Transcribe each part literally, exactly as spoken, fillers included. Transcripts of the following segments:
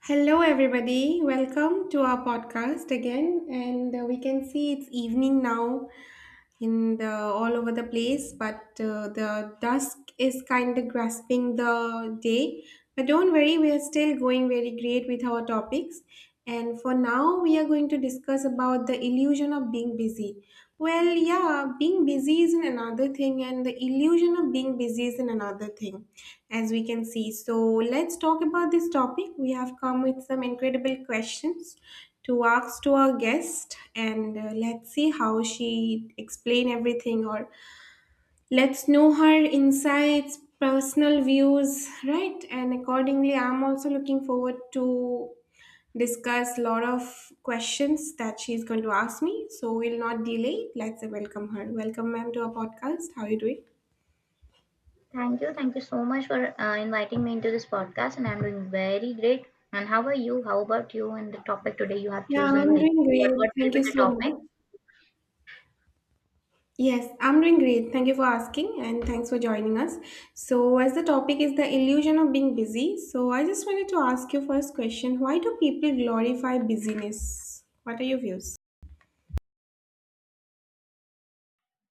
Hello, everybody. Welcome to our podcast again. And uh, We can see it's evening now, in the all over the place, but uh, the dusk is kind of grasping the day, but don't worry, we are still going very great with our topics. And for now we are going to discuss about the illusion of being busy. Well, yeah, being busy is another thing and the illusion of being busy is another thing, as we can see. So let's talk about this topic. We have come with some incredible questions to ask to our guest, and uh, let's see how she explain everything, or let's know her insights, personal views, right? And accordingly, I'm also looking forward to discuss a lot of questions that she's going to ask me. So we'll not delay, let's welcome her. Welcome, ma'am, to our podcast. How are you doing? Thank you. Thank you so much for uh, inviting me into this podcast, and I'm doing very great. And how are you? How about you and the topic today you have Yeah, I'm chosen? Like, doing what, great, what will thank be you the so much. topic? Yes, I'm doing great. Thank you for asking and thanks for joining us. So, as the topic is the illusion of being busy, so I just wanted to ask you first question, why do people glorify busyness? What are your views?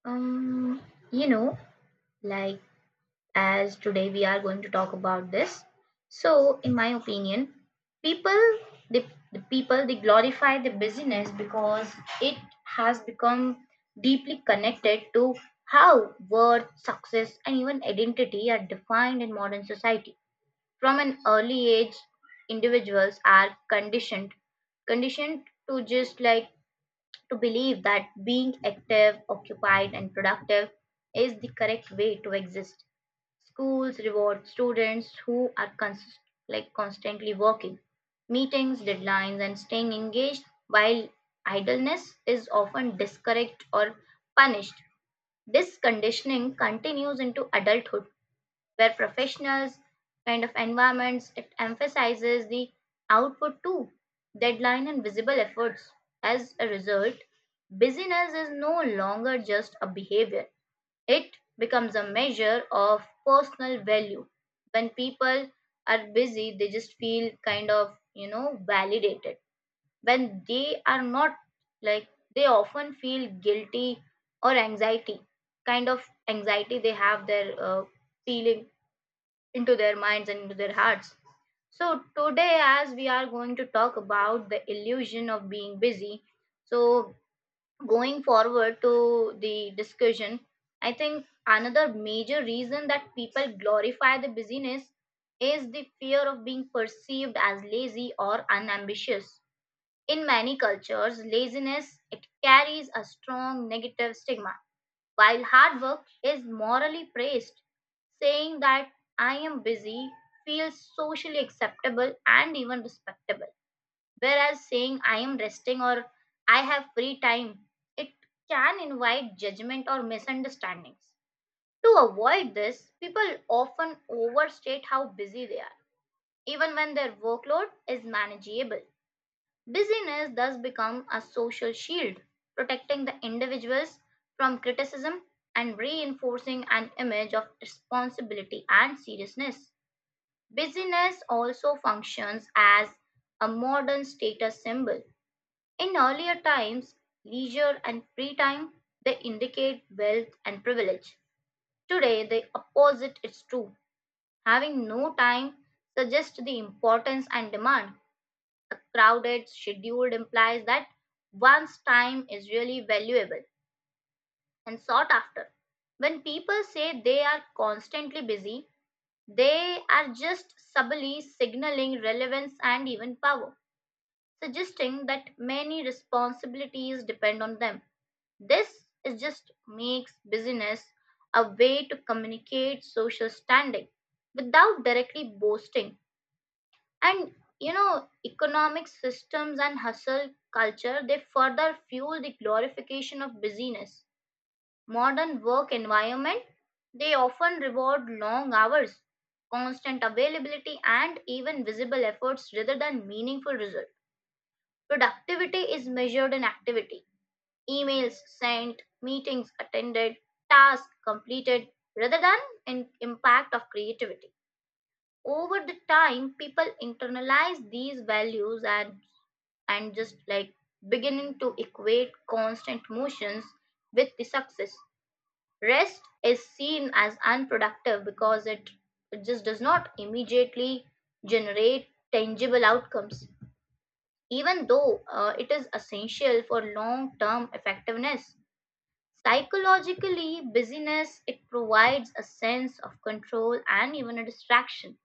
Um, you know, like, as today we are going to talk about this. So, in my opinion, people, the, the people, they glorify the busyness because it has become deeply connected to how worth, success, and even identity are defined in modern society. From an early age, individuals are conditioned conditioned to just like to believe that being active, occupied, and productive is the correct way to exist. Schools reward students who are cons- like constantly working, meetings, deadlines, and staying engaged, while idleness is often discouraged or punished. This conditioning continues into adulthood where professionals, kind of environments, it emphasizes the output, too, deadline and visible efforts. As a result, busyness is no longer just a behavior, it becomes a measure of personal value. When people are busy, they just feel, kind of, you know, validated. When they are not, like, they often feel guilty or anxiety, kind of anxiety they have their uh, feeling into their minds and into their hearts. So, today, as we are going to talk about the illusion of being busy, so going forward to the discussion, I think another major reason that people glorify the busyness is the fear of being perceived as lazy or unambitious. In many cultures, laziness, it carries a strong negative stigma, while hard work is morally praised, saying that I am busy feels socially acceptable and even respectable. Whereas saying I am resting or I have free time, it can invite judgment or misunderstandings. To avoid this, people often overstate how busy they are, even when their workload is manageable. Busyness thus becomes a social shield, protecting the individuals from criticism and reinforcing an image of responsibility and seriousness. Busyness also functions as a modern status symbol. In earlier times, leisure and free time, they indicate wealth and privilege. Today, the opposite is true. Having no time suggests the importance and demand. Crowded schedule implies that one's time is really valuable and sought after. When people say they are constantly busy, they are just subtly signaling relevance and even power, suggesting that many responsibilities depend on them. This is just makes busyness a way to communicate social standing without directly boasting. And, you know, economic systems and hustle culture, they further fuel the glorification of busyness. Modern work environment, they often reward long hours, constant availability, and even visible efforts rather than meaningful result. Productivity is measured in activity, emails sent, meetings attended, tasks completed, rather than in impact of creativity. Over the time, people internalize these values and and just like beginning to equate constant motions with the success. Rest is seen as unproductive because it, it just does not immediately generate tangible outcomes, even though uh, it is essential for long term effectiveness. Psychologically, busyness, it provides a sense of control and even a distraction.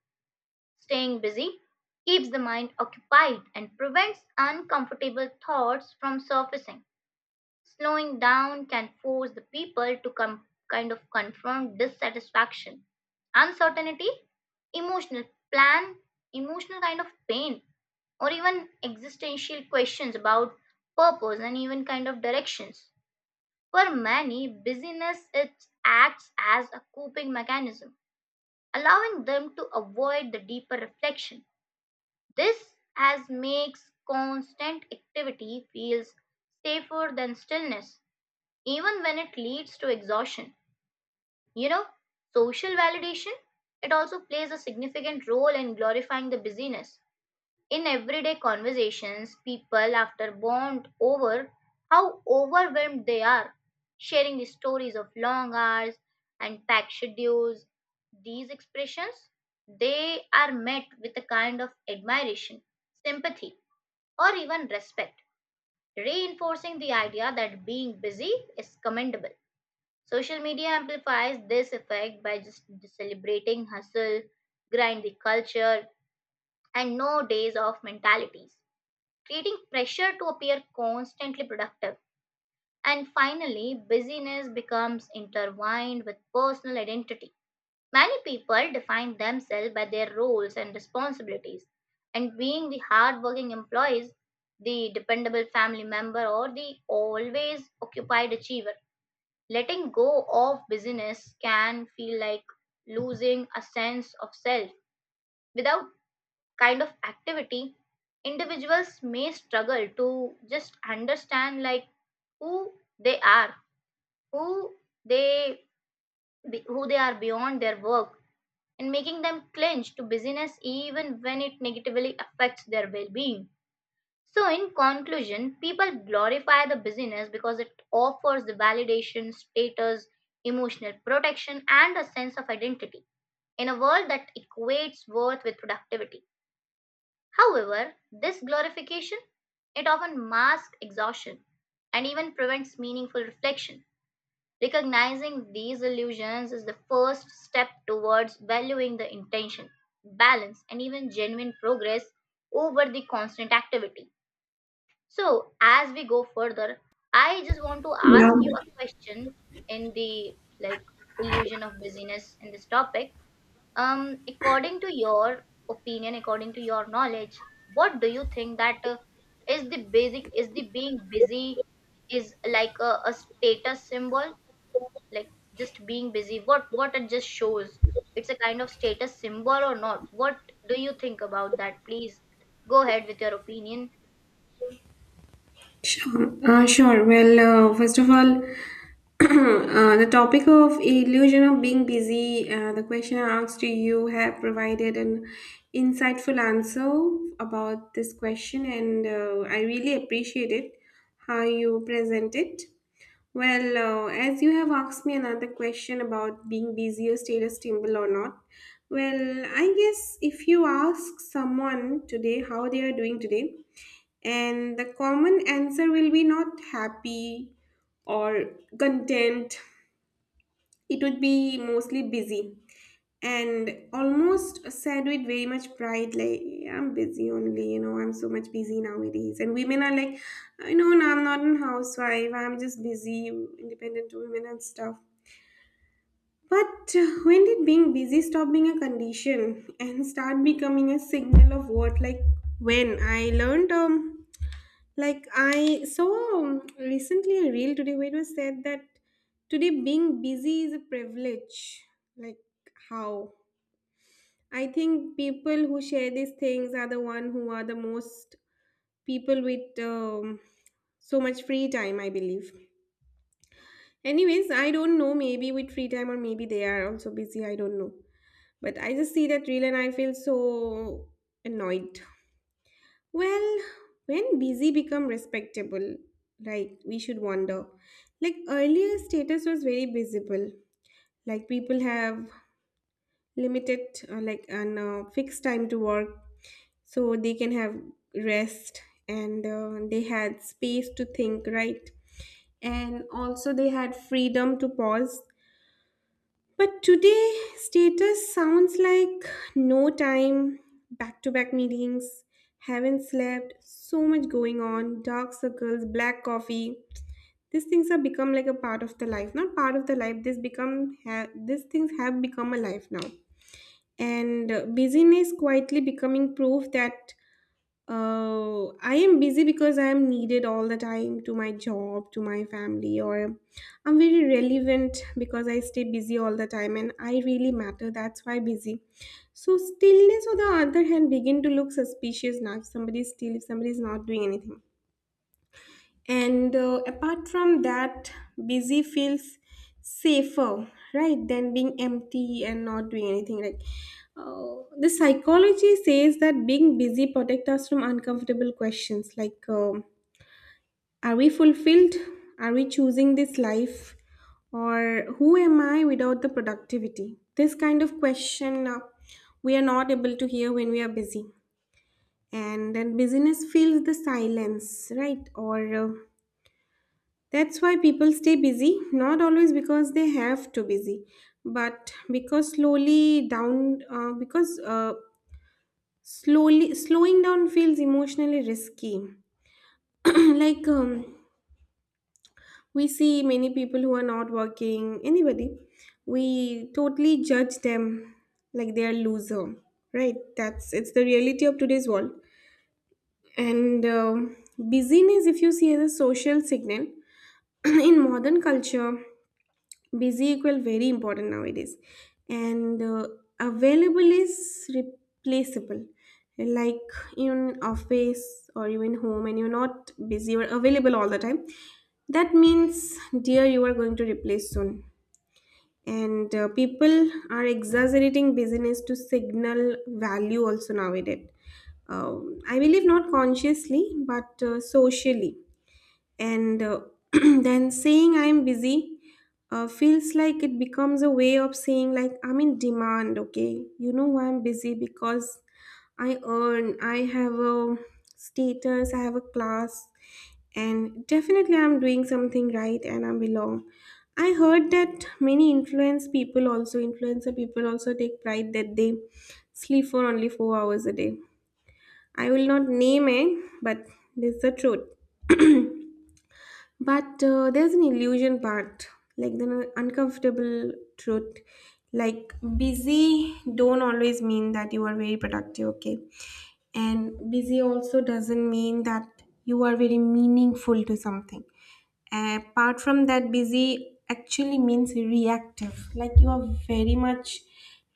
Staying busy keeps the mind occupied and prevents uncomfortable thoughts from surfacing. Slowing down can force the people to com- kind of confront dissatisfaction, uncertainty, emotional plan, emotional kind of pain, or even existential questions about purpose and even kind of directions. For many, busyness, it acts as a coping mechanism, allowing them to avoid the deeper reflection. This as makes constant activity feels safer than stillness, even when it leads to exhaustion. You know, social validation, it also plays a significant role in glorifying the busyness. In everyday conversations, people after bond over how overwhelmed they are, sharing the stories of long hours and packed schedules. These expressions, they are met with a kind of admiration, sympathy, or even respect, reinforcing the idea that being busy is commendable. Social media amplifies this effect by just celebrating hustle, grind the culture, and no days off mentalities, creating pressure to appear constantly productive. And finally, busyness becomes intertwined with personal identity. Many people define themselves by their roles and responsibilities, and being the hardworking employees, the dependable family member, or the always occupied achiever. Letting go of busyness can feel like losing a sense of self. Without kind of activity, individuals may struggle to just understand like who they are, who they be- who they are beyond their work, and making them clinch to busyness even when it negatively affects their well being. So, in conclusion, people glorify the busyness because it offers the validation, status, emotional protection, and a sense of identity in a world that equates worth with productivity. However, this glorification, it often masks exhaustion and even prevents meaningful reflection. Recognizing these illusions is the first step towards valuing the intention, balance, and even genuine progress over the constant activity. So, as we go further, I just want to Yeah, ask you a question in the like illusion of busyness in this topic. Um, according to your opinion, according to your knowledge, what do you think that uh, is the basic is the being busy is like a, a status symbol, like, just being busy, what what it just shows, it's a kind of status symbol or not? What do you think about that? Please go ahead with your opinion. sure. Uh, sure. Well, uh, first of all, uh, the topic of illusion of being busy, uh, the question I asked to you have provided an insightful answer about this question, and uh, I really appreciate it how you present it. Well, uh, as you have asked me another question about being busy or status symbol or not, well, I guess if you ask someone today how they are doing today, and the common answer will be not happy or content, it would be mostly busy and almost said with very much pride, like "Yeah, I'm busy only, you know, I'm so much busy nowadays," and women are like, "I know, no, I'm not a housewife, I'm just busy, independent women," and stuff. But uh, when did being busy stop being a condition and start becoming a signal of what? Like when I learned, um like I saw, um, recently a reel today where it was said that today being busy is a privilege. Like how? I think people who share these things are the one who are the most people with, um, so much free time, I believe. Anyways, I don't know, maybe with free time or maybe they are also busy, I don't know. But I just see that reel and I feel so annoyed. Well, when busy become respectable, like we should wonder. Like earlier status was very visible. Like people have limited, uh, like an uh, fixed time to work so they can have rest, and uh, they had space to think, right? And also they had freedom to pause. But today status sounds like no time, back to back meetings, haven't slept, so much going on, dark circles, black coffee. These things have become like a part of the life. Not part of the life, this become ha- these things have become a life now. And uh, busyness quietly becoming proof that, oh, I am busy because I am needed all the time to my job, to my family, or I'm very relevant because I stay busy all the time and I really matter. That's why busy. So stillness on the other hand begin to look suspicious now, if somebody's still, if somebody is not doing anything. And uh, apart from that, busy feels safer, right, than being empty and not doing anything. Like uh, the psychology says that being busy protects us from uncomfortable questions like, um are we fulfilled? Are we choosing this life? Or who am I without the productivity? This kind of question, uh, we are not able to hear when we are busy. And then busyness fills the silence, right? Or uh, That's why people stay busy, not always because they have to busy, but because slowly down, uh, because uh, slowly slowing down feels emotionally risky. like um, we see many people who are not working, anybody, we totally judge them, like they are loser, right? That's, it's the reality of today's world. And um busyness, if you see, as a social signal, in modern culture, busy equal very important nowadays. And uh, available is replaceable. Like in office or even home, and you're not busy or available all the time, that means, dear, you are going to replace soon. And uh, people are exaggerating busyness to signal value also nowadays. um, I believe not consciously but uh, socially. And uh, then saying I'm busy, uh, feels like it becomes a way of saying like I'm in demand. Okay, you know why I'm busy? Because I earn, I have a status, I have a class, and definitely I'm doing something right and I belong. I heard that many influence people also influencer people also take pride that they sleep for only four hours a day. I will not name it, but this is the truth. But uh, there's an illusion part, like the uncomfortable truth. Like busy don't always mean that you are very productive, okay? And busy also doesn't mean that you are very meaningful to something. Apart from that, busy actually means reactive. Like you are very much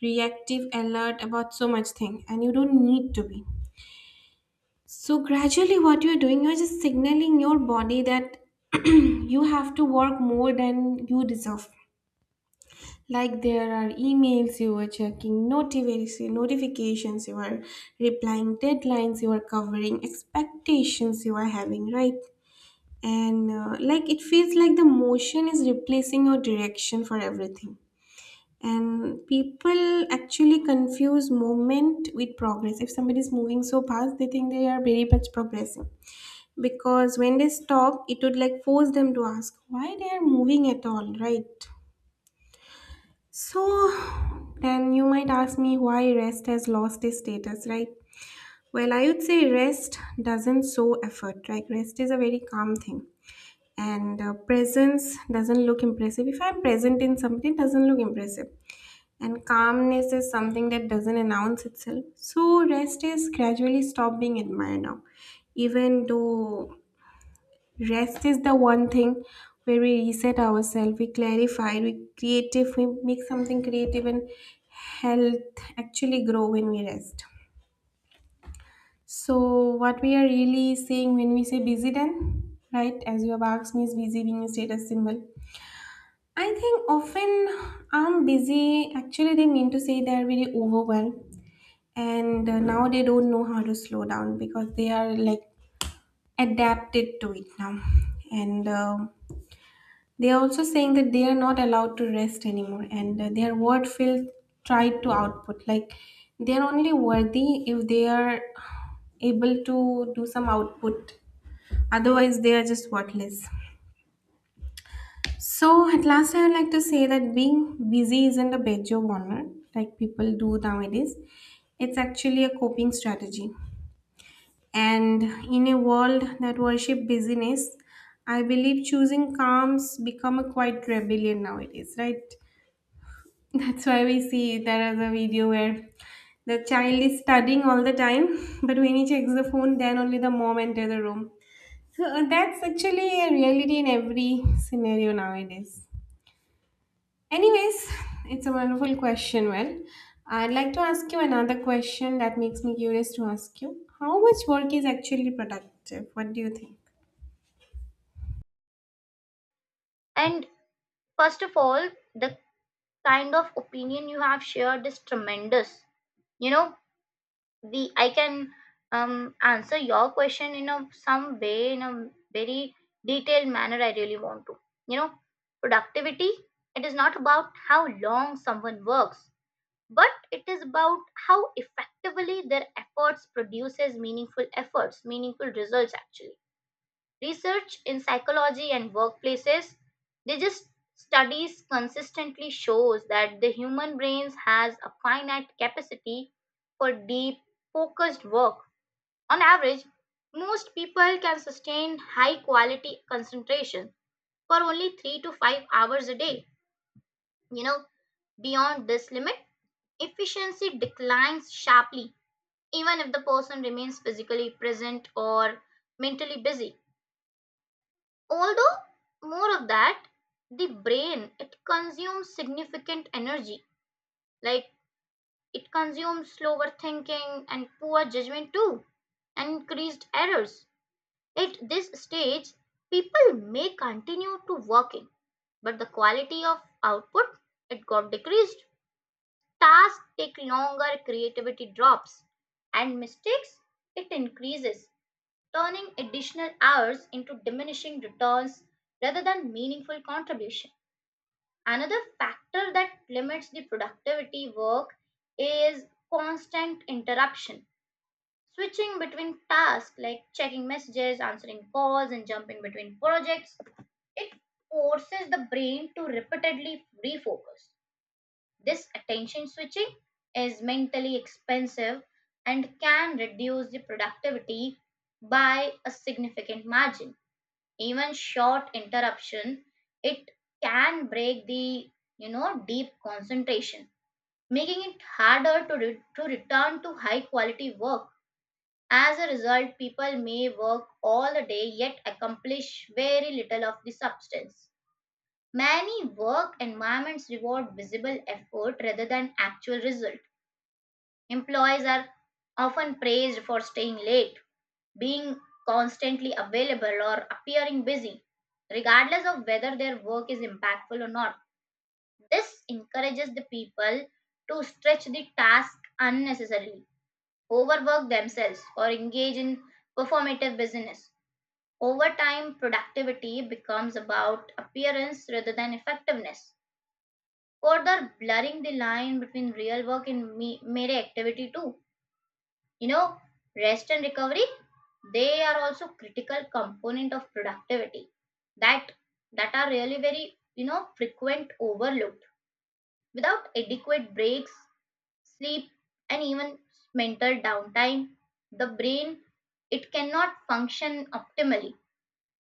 reactive, alert about so much thing, and you don't need to be. So gradually what you're doing, you're just signaling your body that you have to work more than you deserve. Like there are emails you are checking, notific- notifications you are replying, deadlines you are covering, expectations you are having, right? And uh, like it feels like the motion is replacing your direction for everything. And people actually confuse movement with progress. If somebody is moving so fast, they think they are very much progressing, because when they stop, it would like force them to ask why they are moving at all, right? So then you might ask me, why rest has lost its status, right? Well, I would say rest doesn't show effort. Like rest is a very calm thing. And uh, presence doesn't look impressive. If I'm present in something, it doesn't look impressive. And calmness is something that doesn't announce itself. So rest is gradually stop being admired now, even though rest is the one thing where we reset ourselves, we clarify, we creative, we make something creative, and health actually grow when we rest. So what we are really saying when we say busy then, right? As you have asked me, is busy being a status symbol. I think often I'm busy, actually, they mean to say they are very overwhelmed, and uh, now they don't know how to slow down because they are like adapted to it now, and. um They're also saying that they are not allowed to rest anymore, and uh, their word filled tried to output. Like they're only worthy if they are able to do some output. Otherwise, they are just worthless. So at last, I would like to say that being busy isn't a badge of honor like people do nowadays. It's actually a coping strategy. And in a world that worship busyness, I believe choosing calms become a quite rebellion nowadays, right? That's why we see there is a video where the child is studying all the time, but when he checks the phone, then only the mom enters the room. So uh, that's actually a reality in every scenario nowadays. Anyways, it's a wonderful question. Well, I'd like to ask you another question that makes me curious to ask you. How much work is actually productive? What do you think? And first of all, the kind of opinion you have shared is tremendous. You know, the, I can um answer your question in a some way in a very detailed manner. I really want to, you know, productivity, it is not about how long someone works, but it is about how effectively their efforts produces meaningful efforts, meaningful results actually. Research in psychology and workplaces, they just, studies consistently shows that the human brains has a finite capacity for deep focused work. On average, most people can sustain high quality concentration for only three to five hours a day. You know, beyond this limit, efficiency declines sharply, even if the person remains physically present or mentally busy. Although, more of that, the brain, it consumes significant energy, like it consumes slower thinking and poor judgment too, and increased errors. At this stage, people may continue to working, but the quality of output, it got decreased. Tasks take longer, creativity drops, and mistakes, it increases, turning additional hours into diminishing returns rather than meaningful contribution. Another factor that limits the productivity work is constant interruption. Switching between tasks like checking messages, answering calls, and jumping between projects, it forces the brain to repeatedly refocus. This attention switching is mentally expensive and can reduce the productivity by a significant margin. Even short interruption, it can break the, you know, deep concentration, making it harder to, re- to return to high quality work. As a result, people may work all the day yet accomplish very little of the substance. Many work environments reward visible effort rather than actual result. Employees are often praised for staying late, being constantly available, or appearing busy, regardless of whether their work is impactful or not. This encourages the people to stretch the task unnecessarily, overwork themselves, or engage in performative business. Over time, productivity becomes about appearance rather than effectiveness, further blurring the line between real work and me- mere activity, too. You know, rest and recovery, they are also critical component of productivity that that are really very, you know, frequent overlooked. Without adequate breaks, sleep, and even mental downtime, the brain, it cannot function optimally.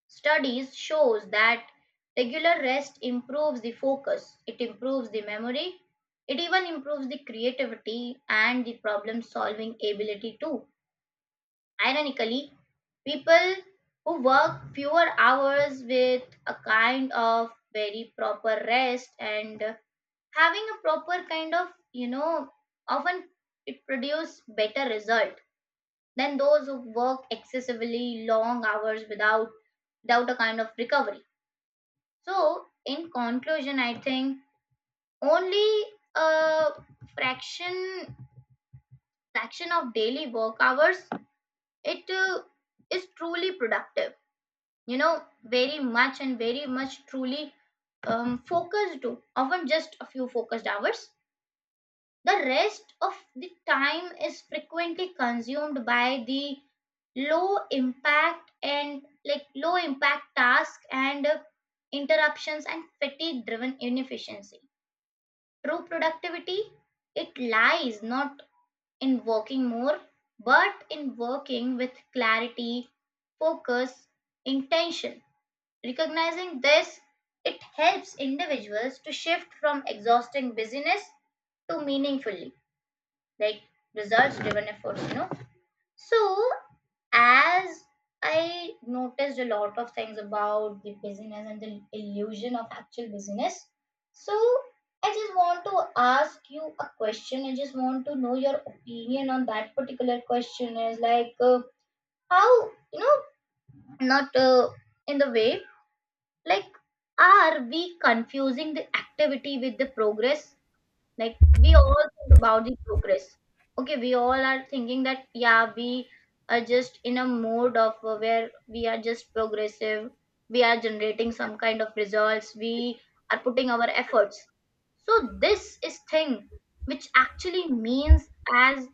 Studies shows that regular rest improves the focus, it improves the memory, it even improves the creativity and the problem solving ability too. Ironically, people who work fewer hours with a kind of very proper rest and having a proper kind of, you know, often it produce better result than those who work excessively long hours without without a kind of recovery. So, in conclusion, I think only a fraction fraction of daily work hours it uh, is truly productive, you know, very much and very much truly um, focused to, often just a few focused hours. The rest of the time is frequently consumed by the low impact and like low impact task and uh, interruptions and fatigue driven inefficiency. True productivity, it lies not in working more, but in working with clarity, focus, intention. Recognizing this, it helps individuals to shift from exhausting busyness to meaningfully, like, results driven efforts, you know. So, as I noticed a lot of things about the business and the illusion of actual business, so I just want to ask you a question. I just want to know your opinion on that particular question is like, uh, how, you know, not uh, in the way, like, are we confusing the activity with the progress? Like we all think about the progress. Okay, we all are thinking that yeah, we are just in a mode of uh, where we are just progressive. We are generating some kind of results. We are putting our efforts. So this is thing which actually means as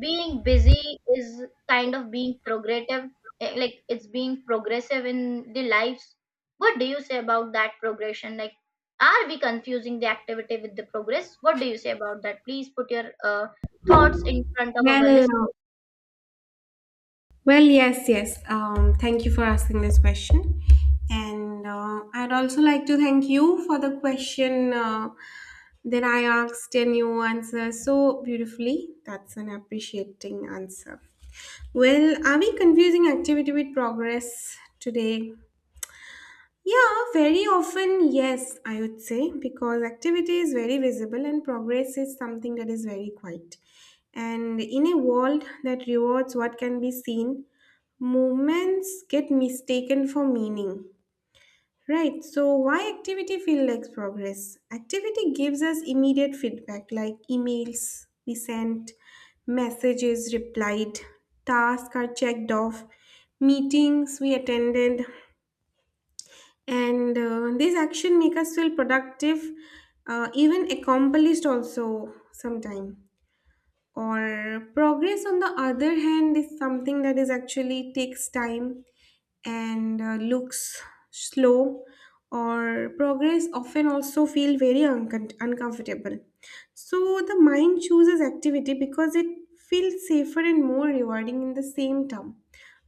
being busy is kind of being progressive, eh, like it's being progressive in the lives. What do you say about that progression? Like, are we confusing the activity with the progress? What do you say about that? Please put your uh, thoughts in front of our Well, listeners. well, yes, yes. Um, thank you for asking this question. And uh, I'd also like to thank you for the question, uh, that I asked and you answer so beautifully. That's an appreciating answer. Well, are we confusing activity with progress today? Yeah, very often, yes, I would say, because activity is very visible and progress is something that is very quiet. And in a world that rewards what can be seen, movements get mistaken for meaning. Right, so why activity feel like progress? Activity gives us immediate feedback like emails we sent, messages replied, tasks are checked off, meetings we attended, and uh, these action make us feel productive, uh, even accomplished also sometime. Or progress, on the other hand, is something that is actually takes time and uh, looks slow. Or progress often also feel very uncon uncomfortable, so the mind chooses activity because it feels safer and more rewarding in the same term,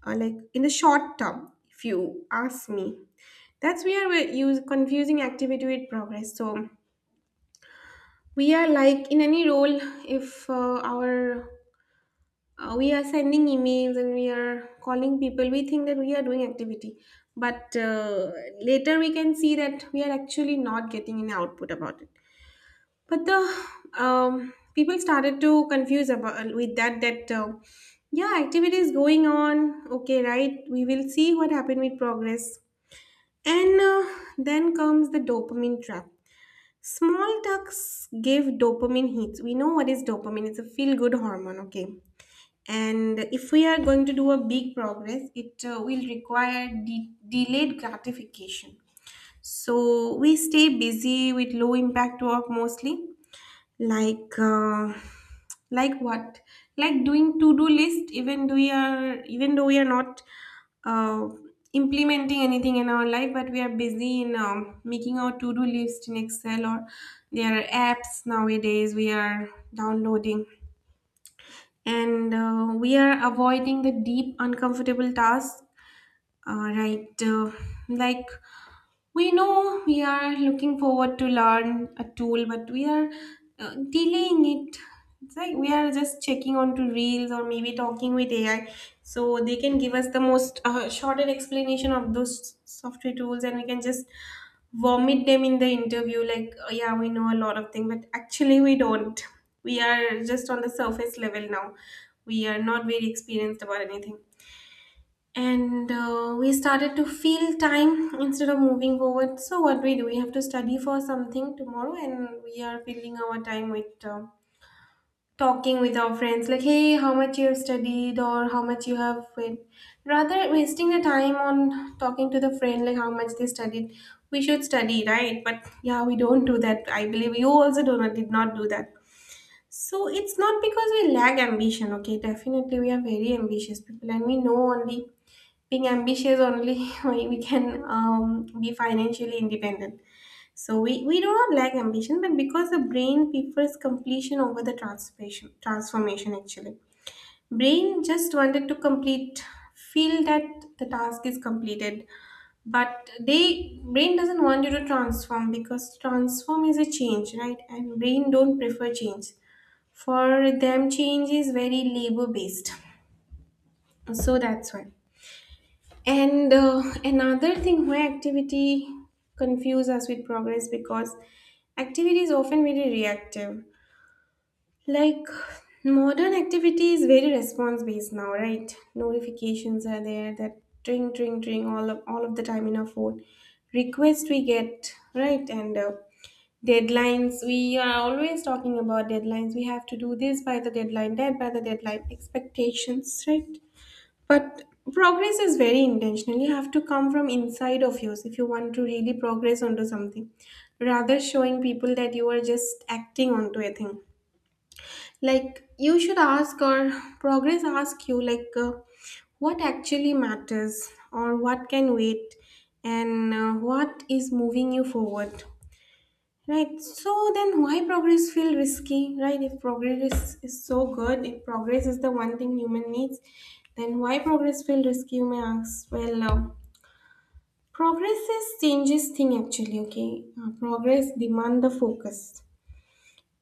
uh, like in the short term if you ask me. That's where we're use confusing activity with progress. So we are like in any role, if uh, our uh, we are sending emails and we are calling people, we think that we are doing activity, but uh, later we can see that we are actually not getting any output about it. But the, um, people started to confuse about uh, with that that uh, yeah, activity is going on, okay, right, we will see what happened with progress. And uh, Then comes the dopamine trap. Small tucks give dopamine hits. We know what is dopamine, it's a feel good hormone, okay. And if we are going to do a big progress, it uh, will require de- delayed gratification. So we stay busy with low impact work mostly, like uh, like what? Like doing to do list, even though we are, even though we are not, uh, implementing anything in our life, but we are busy in um, making our to do list in excel, or there are apps nowadays we are downloading. And uh, we are avoiding the deep uncomfortable task. Uh, right uh, Like, we know we are looking forward to learn a tool, but we are uh, delaying it. It's like we are just checking onto reels or maybe talking with ai, so they can give us the most uh, shorter explanation of those software tools and we can just vomit them in the interview like, oh, yeah, we know a lot of things but actually we don't. We are just on the surface level now. We are not very experienced about anything. And uh, we started to feel time instead of moving forward. So what we do, we have to study for something tomorrow and we are filling our time with uh, talking with our friends like, hey, how much you have studied or how much you have read. Rather wasting the time on talking to the friend like how much they studied, we should study, right? But yeah, we don't do that. I believe you also do not did not do that. So it's not because we lack ambition, okay? Definitely, we are very ambitious people, and we know only being ambitious only we we can um, be financially independent. So we we do not lack ambition, but because the brain prefers completion over the transformation. Transformation actually, brain just wanted to complete, feel that the task is completed, but they brain doesn't want you to transform because transform is a change, right? And brain don't prefer change. For them, change is very labor based. So that's why. And uh, another thing why activity confuse us with progress, because activity is often very reactive. Like modern activity is very response based now, right? Notifications are there that tring tring tring all of all of the time in our phone. Request we get, right? And uh, deadlines, we are always talking about deadlines. We have to do this by the deadline, that by the deadline, expectations, right? But progress is very intentional. You have to come from inside of yours if you want to really progress onto something, rather showing people that you are just acting onto a thing. Like, you should ask, or progress ask you like, uh, what actually matters or what can wait and uh, what is moving you forward. Right. So then why progress feel risky, right? If progress is, is so good, if progress is the one thing human needs, then why progress feel risky, you may ask? Well, uh, progress is changes thing actually, okay? Uh, progress demand the focus.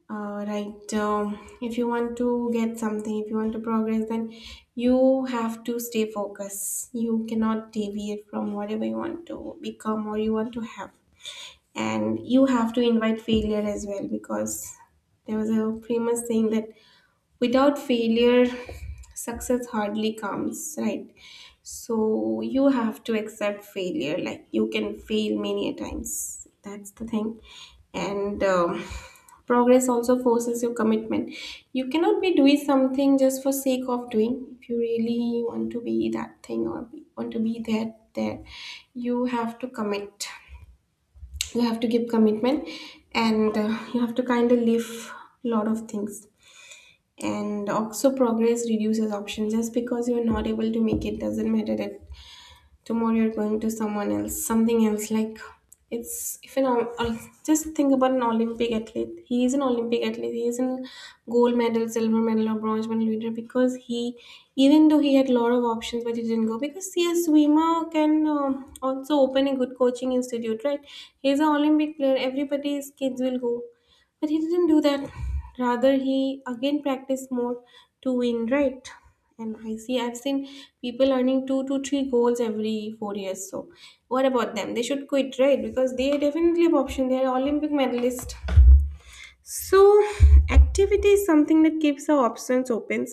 Uh, right. Um, if you want to get something, if you want to progress, then you have to stay focused. You cannot deviate from whatever you want to become or you want to have, and you have to invite failure as well. Because there was a famous saying that without failure, success hardly comes, right? So you have to accept failure, like you can fail many a times, that's the thing. And um, progress also forces your commitment. You cannot be doing something just for sake of doing. If you really want to be that thing, or be, want to be there there you have to commit. You have to give commitment. And uh, you have to kind of leave a lot of things. And also progress reduces options, just because you're not able to make it doesn't matter that tomorrow you're going to someone else, something else. Like, it's, if you know, I'll just think about an olympic athlete. He is an olympic athlete, he is an gold medal, silver medal or bronze medal winner, because he, even though he had a lot of options, but he didn't go. Because see, a swimmer can um, also open a good coaching institute, right? He's an olympic player, everybody's kids will go. But he didn't do that. Rather, he again practiced more to win, right? And I see I've seen people earning two to three goals every four years. So what about them? They should quit, right? Because they definitely have option, they are Olympic medalists. So activity is something that keeps our options open,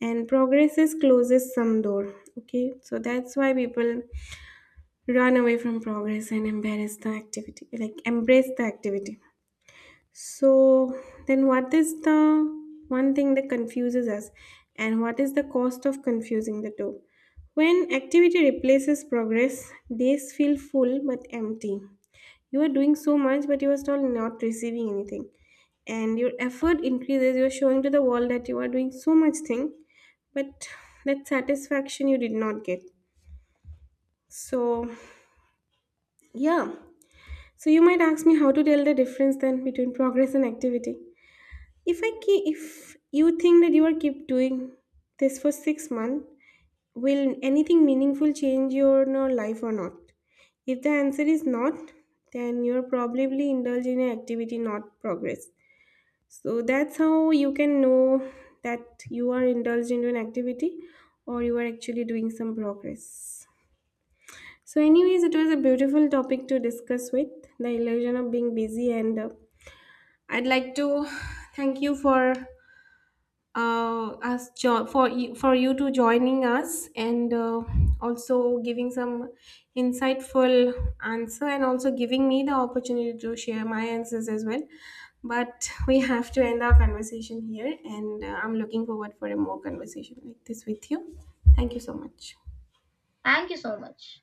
and progresses closes some door. Okay. So that's why people run away from progress and embarrass the activity. Like, embrace the activity. So then what is the one thing that confuses us, and what is the cost of confusing the two? When activity replaces progress, days feel full but empty. You are doing so much but you are still not receiving anything. And your effort increases, you are showing to the world that you are doing so much thing, but that satisfaction you did not get. So, yeah. So you might ask me how to tell the difference then between progress and activity. If I keep, If you think that you are keep doing this for six months, will anything meaningful change your no life or not? If the answer is not, then you're probably indulging in activity, not progress. So that's how you can know that you are indulged into an activity or you are actually doing some progress. So, anyways, it was a beautiful topic to discuss, with the illusion of being busy, and uh, I'd like to thank you for uh, us jo- for you, for you to joining us, and uh, also giving some insightful answer, and also giving me the opportunity to share my answers as well. But we have to end our conversation here, and uh, I'm looking forward for a more conversation like this with you. Thank you so much. Thank you so much.